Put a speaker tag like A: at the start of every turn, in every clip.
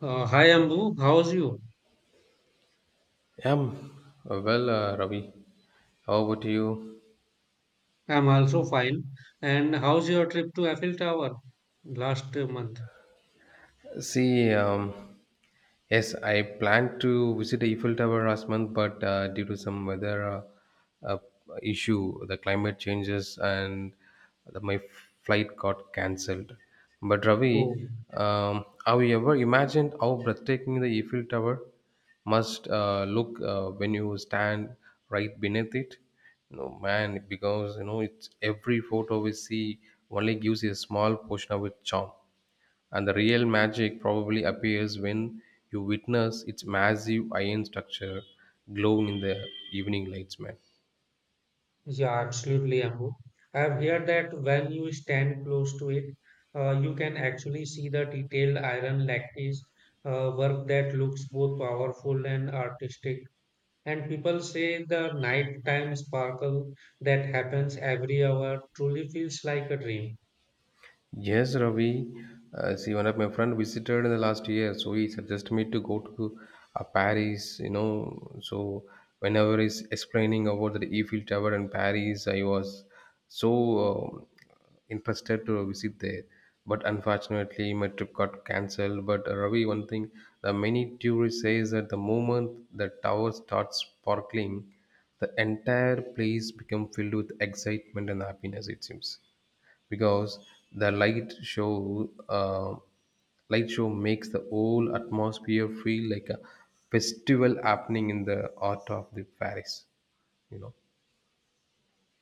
A: Hi Ambu, how's you?
B: Yeah, I well, Ravi. How about you?
A: I'm also fine. And how's your trip to Eiffel Tower last month?
B: See, yes, I planned to visit the Eiffel Tower last month, but due to some weather uh, issue, the climate changes, and my flight got cancelled. But
A: Oh,
B: Ravi, have you ever imagined how breathtaking the Eiffel Tower must look when you stand right beneath it? No man, because it's every photo we see only gives you a small portion of its charm, and the real magic probably appears when you witness its massive iron structure glowing in the evening lights, man.
A: yeah, absolutely, Ambu. I've heard that when you stand close to it, you can actually see the detailed iron lattice work that looks both powerful and artistic. And people say the nighttime sparkle that happens every hour truly feels like a dream.
B: Yes, Ravi. See, one of my friend visited in the last year, so he suggested me to go to Paris. So whenever he's explaining about the Eiffel Tower in Paris, I was so uh, interested to visit there. But unfortunately, my trip got cancelled. But Ravi, one thing, the many tourists says that the moment the tower starts sparkling, the entire place become filled with excitement and happiness. It seems because the light show light show makes the whole atmosphere feel like a festival happening in the heart of the Paris you know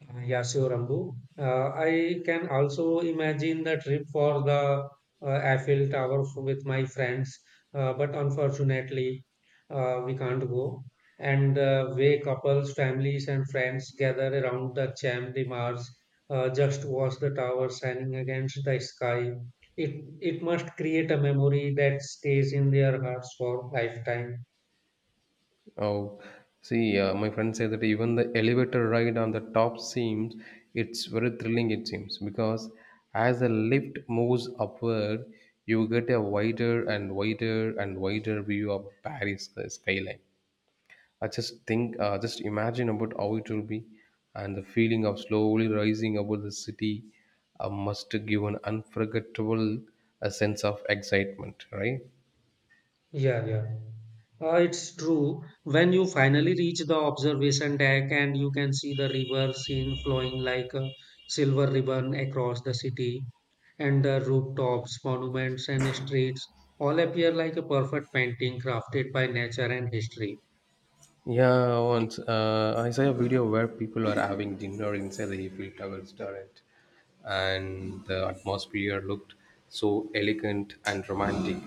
A: Yeah, sure, Ambu. I can also imagine the trip for the Eiffel Tower with my friends, but unfortunately, we can't go. And the way couples, families, and friends gather around the Champ de Mars, just watch the tower shining against the sky. It it must create a memory that stays in their hearts for lifetime.
B: oh, see, my friend said that even the elevator ride on the top seems it's very thrilling it seems because as the lift moves upward you get a wider and wider and wider view of Paris skyline. I just think, just imagine about how it will be, and the feeling of slowly rising above the city must give an unforgettable sense of excitement, right?
A: Yeah, yeah. It's true. When you finally reach the observation deck and you can see the river scene flowing like a silver ribbon across the city, and the rooftops, monuments, and streets all appear like a perfect painting crafted by nature and history.
B: Yeah, once I saw a video where people are having dinner inside the Eiffel Tower restaurant, and the atmosphere looked so elegant and romantic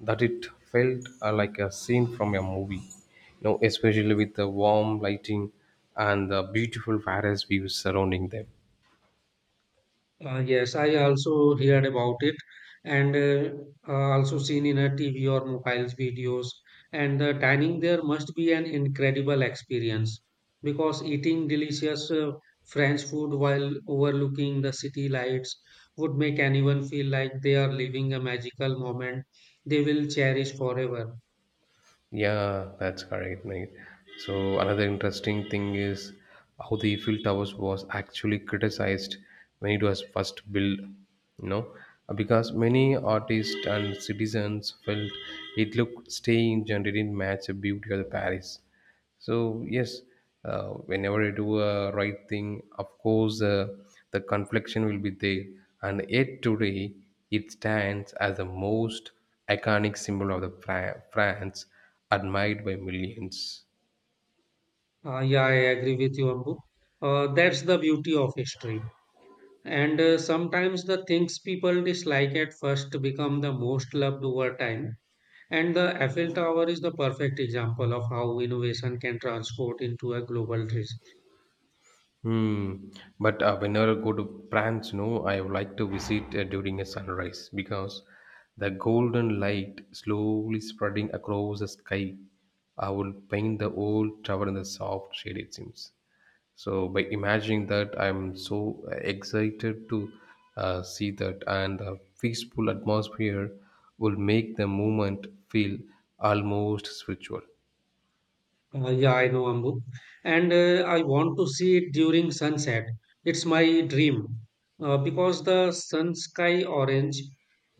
B: that it felt like a scene from a movie. Especially with the warm lighting and the beautiful Paris views surrounding them.
A: Yes, I also heard about it and also seen in a TV or mobiles videos. And the dining there must be an incredible experience because eating delicious French food while overlooking the city lights would make anyone feel like they are living a magical moment they will cherish forever.
B: Yeah, that's correct, mate. So another interesting thing is how the Eiffel Towers was actually criticized when it was first built, you know, because many artists and citizens felt it looked strange and didn't match the beauty of the Paris. So yes, whenever you do a right thing, of course, the confliction will be there, and yet today it stands as the most iconic symbol of the France, admired by millions.
A: Yeah, I agree with you, Ambu. That's the beauty of history. And sometimes the things people dislike at first become the most loved over time. And the Eiffel Tower is the perfect example of how innovation can transport into a global risk.
B: Hmm. But whenever I go to France, no, I would like to visit during a sunrise because the golden light slowly spreading across the sky, I will paint the old tower in the soft shade. It seems. So by imagining that, I'm so excited to see that, and the peaceful atmosphere will make the moment feel almost spiritual.
A: Yeah, I know, Ambu. And I want to see it during sunset. It's my dream. Because the sun sky orange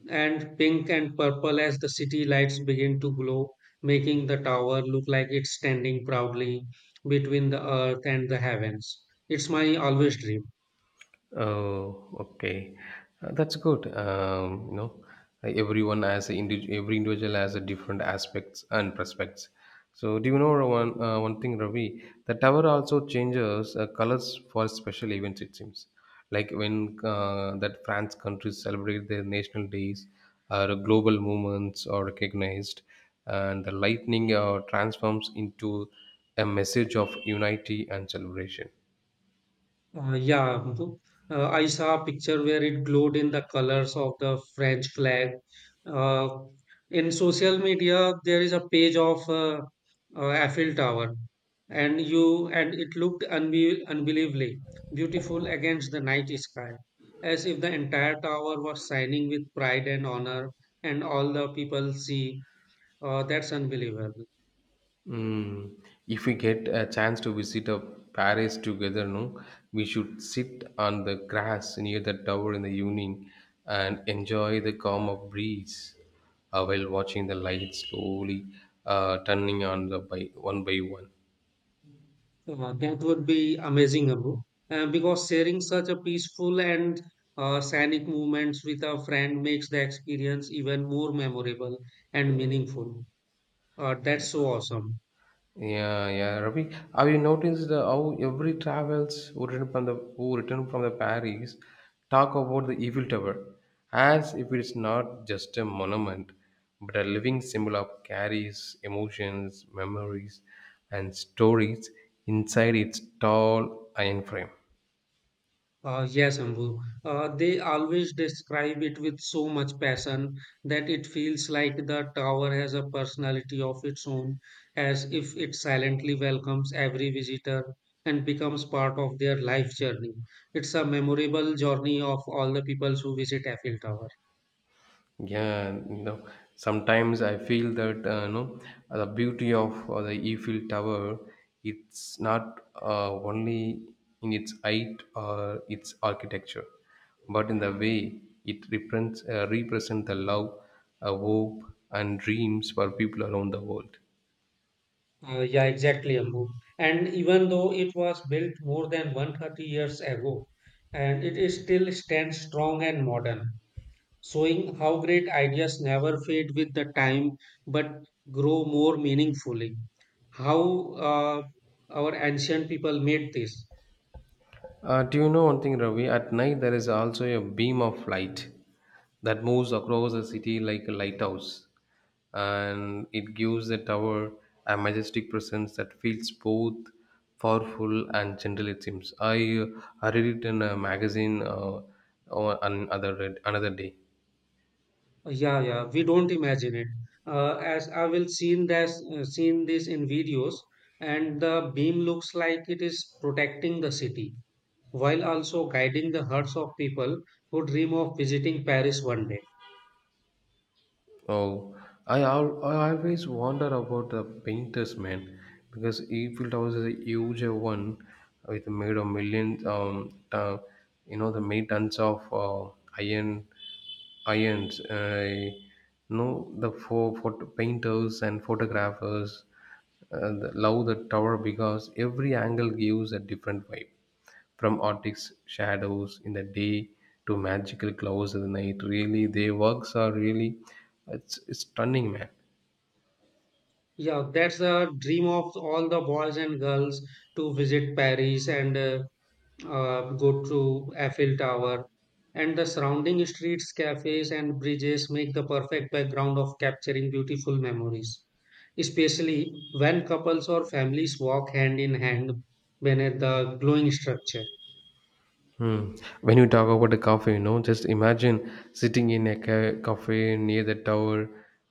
A: and pink and purple as the city lights begin to glow, making the tower look like it's standing proudly between the earth and the heavens. It's my always dream.
B: Oh, okay. That's good. Everyone has a every individual has a different aspects and prospects. So, do you know one thing, Ravi? The tower also changes colors for special events. It seems like when that France countries celebrate their national days, or global movements are recognized, and the lightning transforms into a message of unity and celebration.
A: Yeah, Muthu. I saw a picture where it glowed in the colors of the French flag. Uh, in social media, there is a page of Eiffel Tower, and you and it looked unbelievably beautiful against the night sky, as if the entire tower was shining with pride and honor, and all the people see. That's unbelievable.
B: Mm. If we get a chance to visit a Paris together, no, we should sit on the grass near the tower in the evening and enjoy the calm of breeze while watching the lights slowly turning on the by one by one.
A: So, that would be amazing, Abu. Because sharing such a peaceful and scenic moments with a friend makes the experience even more memorable and meaningful. That's so awesome.
B: Yeah, yeah, Ravi. Have you noticed how every travels who return from the Paris talk about the Eiffel Tower as if it is not just a monument, but a living symbol of carries emotions, memories, and stories inside its tall iron frame.
A: Yes, Ambu. They always describe it with so much passion that it feels like the tower has a personality of its own, as if it silently welcomes every visitor and becomes part of their life journey. It's a memorable journey of all the people who visit Eiffel Tower.
B: Yeah, sometimes I feel that the beauty of the Eiffel Tower. It's not only in its height or its architecture, but in the way it represents represent the love, hope, and dreams for people around the world.
A: Yeah, exactly, Ambu. And even though it was built more than 130 years ago, and it is still stands strong and modern showing how great ideas never fade with the time but grow more meaningfully. How our ancient people made this?
B: Do you know one thing, Ravi? At night, there is also a beam of light that moves across the city like a lighthouse, and it gives the tower a majestic presence that feels both powerful and gentle. It seems. I I read it in a magazine on another day.
A: Yeah, yeah, we don't imagine it. As I will seen this, seen this in videos, and the beam looks like it is protecting the city while also guiding the hearts of people who dream of visiting Paris one day.
B: Oh, I always wonder about the painters, man, because Eiffel Tower is a huge one with made of millions, the made tons of iron irons. I know photo painters and photographers love the tower because every angle gives a different vibe. From Arctic shadows in the day to magical clouds at the night, really, their works are really it's stunning, man.
A: Yeah, that's the dream of all the boys and girls to visit Paris and go to Eiffel Tower, and the surrounding streets, cafes, and bridges make the perfect background of capturing beautiful memories, especially when couples or families walk hand in hand beneath the glowing structure.
B: Hmm. When you talk about a cafe, just imagine sitting in a cafe near the tower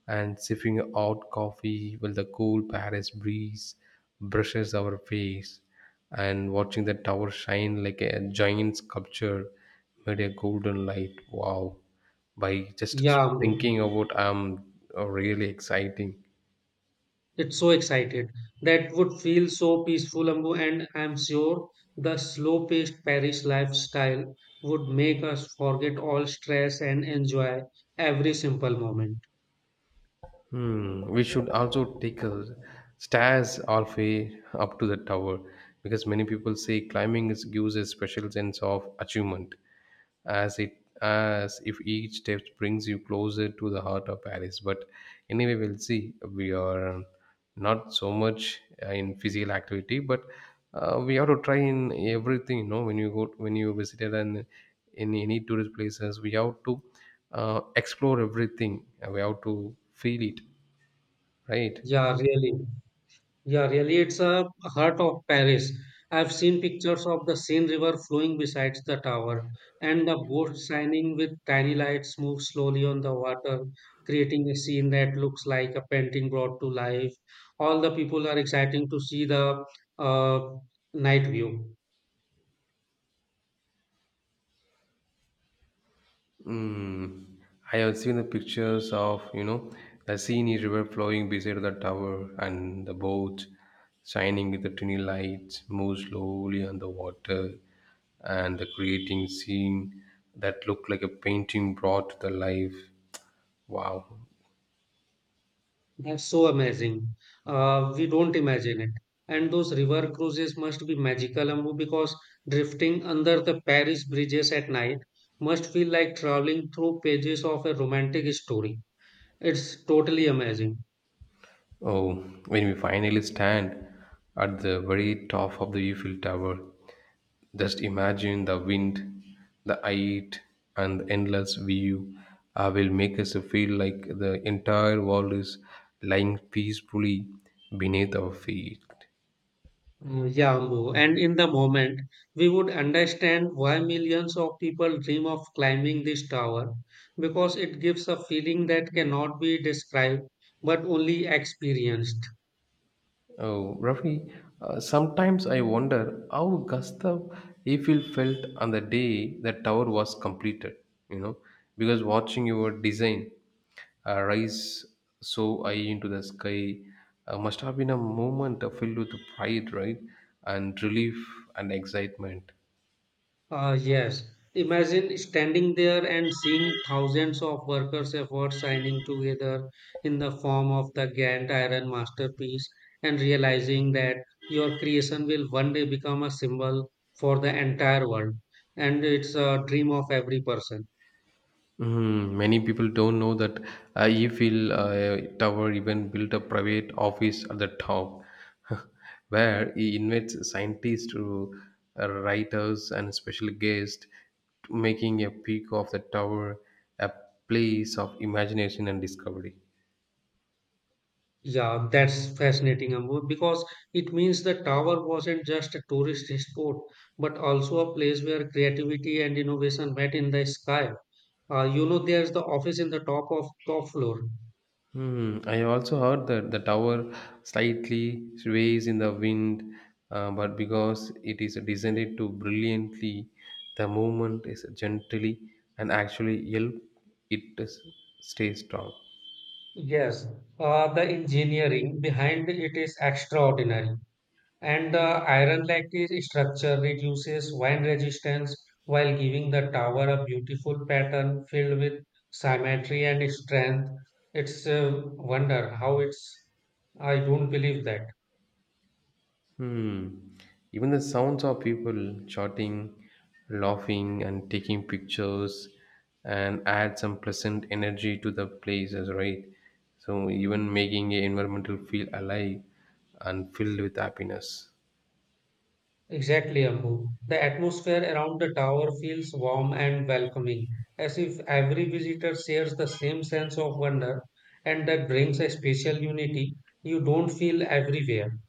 B: and sipping hot coffee while the cool Paris breeze brushes our face and watching the tower shine like a giant sculpture made a golden light. Wow. By just
A: Yeah, Ambu,
B: thinking about really exciting.
A: it's so excited. That would feel so peaceful, Ambu, and I'm sure the slow paced Paris lifestyle would make us forget all stress and enjoy every simple moment.
B: Hmm. We should also take a stairs all the way up to the tower because many people say climbing gives a special sense of achievement, as it as if each step brings you closer to the heart of Paris. But anyway, we'll see. We are not so much in physical activity but we have to try in everything when you go when you visited, and in any tourist places we have to explore everything, and we have to feel it, right?
A: Yeah, really. Yeah, really, it's a heart of Paris. I've seen pictures of the Seine River flowing beside the tower, and the boats shining with tiny lights move slowly on the water, creating a scene that looks like a painting brought to life. All the people are exciting to see the uh, night view.
B: Mm, I have seen the pictures of, the Seine River flowing beside the tower and the boat shining with the tiny lights move slowly on the water and the creating scene that looked like a painting brought to the life. Wow.
A: That's so amazing. We don't imagine it. And those river cruises must be magical, Ambu, because drifting under the Paris bridges at night must feel like traveling through pages of a romantic story. It's totally amazing.
B: Oh, when we finally stand at the very top of the Eiffel Tower, just imagine the wind, the height, and the endless view will make us feel like the entire world is lying peacefully beneath our feet.
A: Yeah, Ambu. And in the moment, we would understand why millions of people dream of climbing this tower, because it gives a feeling that cannot be described but only experienced.
B: Oh, Rafi, sometimes I wonder how Gustav Eiffel felt on the day the tower was completed, you know, because watching your design rise so high into the sky must have been a moment filled with pride, right? And relief and excitement.
A: Yes. Imagine standing there and seeing thousands of workers' efforts signing together in the form of the Gantt Iron masterpiece and realizing that your creation will one day become a symbol for the entire world. And it's a dream of every person.
B: Mhm. Many people don't know that Eiffel Tower even built a private office at the top, where he invites scientists to writers and special guests, making a peak of the tower a place of imagination and discovery.
A: Yeah, that's fascinating, Ambu, because it means the tower wasn't just a tourist spot, but also a place where creativity and innovation met in the sky. You know, there's the office in the top of top floor.
B: Hmm. I also heard that the tower slightly sways in the wind, but because it is designed to brilliantly, the movement is gently and actually help it to stay strong.
A: Yes, the engineering behind it is extraordinary. And the iron lattice structure reduces wind resistance while giving the tower a beautiful pattern filled with symmetry and strength. It's a wonder how it's. I don't believe that.
B: Hmm. Even the sounds of people shouting, laughing, and taking pictures, and add some pleasant energy to the places, right? So even making a environmental feel alive and filled with happiness.
A: Exactly, Ambu. The atmosphere around the tower feels warm and welcoming, as if every visitor shares the same sense of wonder, and that brings a special unity you don't feel everywhere.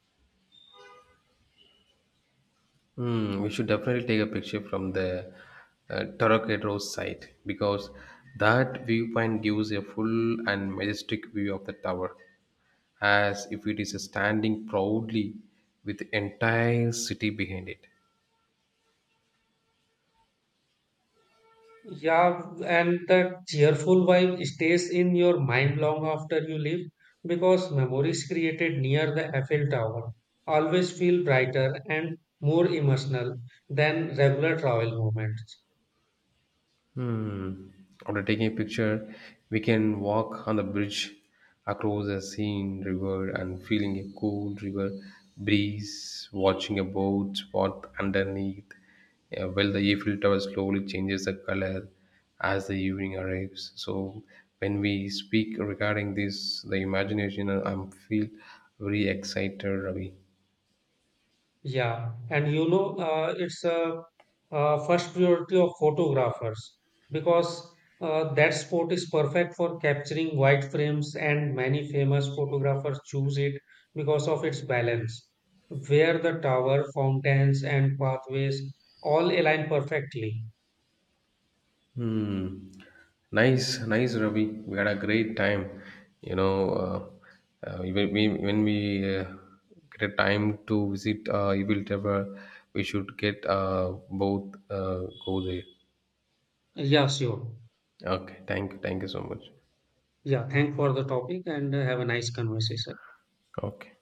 B: Hmm, we should definitely take a picture from the Torquedo site because that viewpoint gives a full and majestic view of the tower, as if it is standing proudly with the entire city behind it.
A: Yeah, and that cheerful vibe stays in your mind long after you leave because memories created near the Eiffel Tower always feel brighter and more emotional than regular travel moments.
B: Hmm. After taking a picture, we can walk on the bridge across a seen river and feeling a cool river breeze, watching a boat spot underneath. While the Eiffel Tower slowly changes the color as the evening arrives. So when we speak regarding this, the imagination, I'm feel very excited, Ravi.
A: Yeah, and you know, it's a, first priority of photographers because that sport is perfect for capturing wide frames, and many famous photographers choose it because of its balance, where the tower, fountains, and pathways all align perfectly.
B: Hmm. Nice, nice, Ravi. We had a great time. You know, when we get a time to visit Evil Tower, we should get both go there.
A: Yeah, sure.
B: Okay, thank you so much.
A: Yeah, thank for the topic and have a nice conversation.
B: Okay.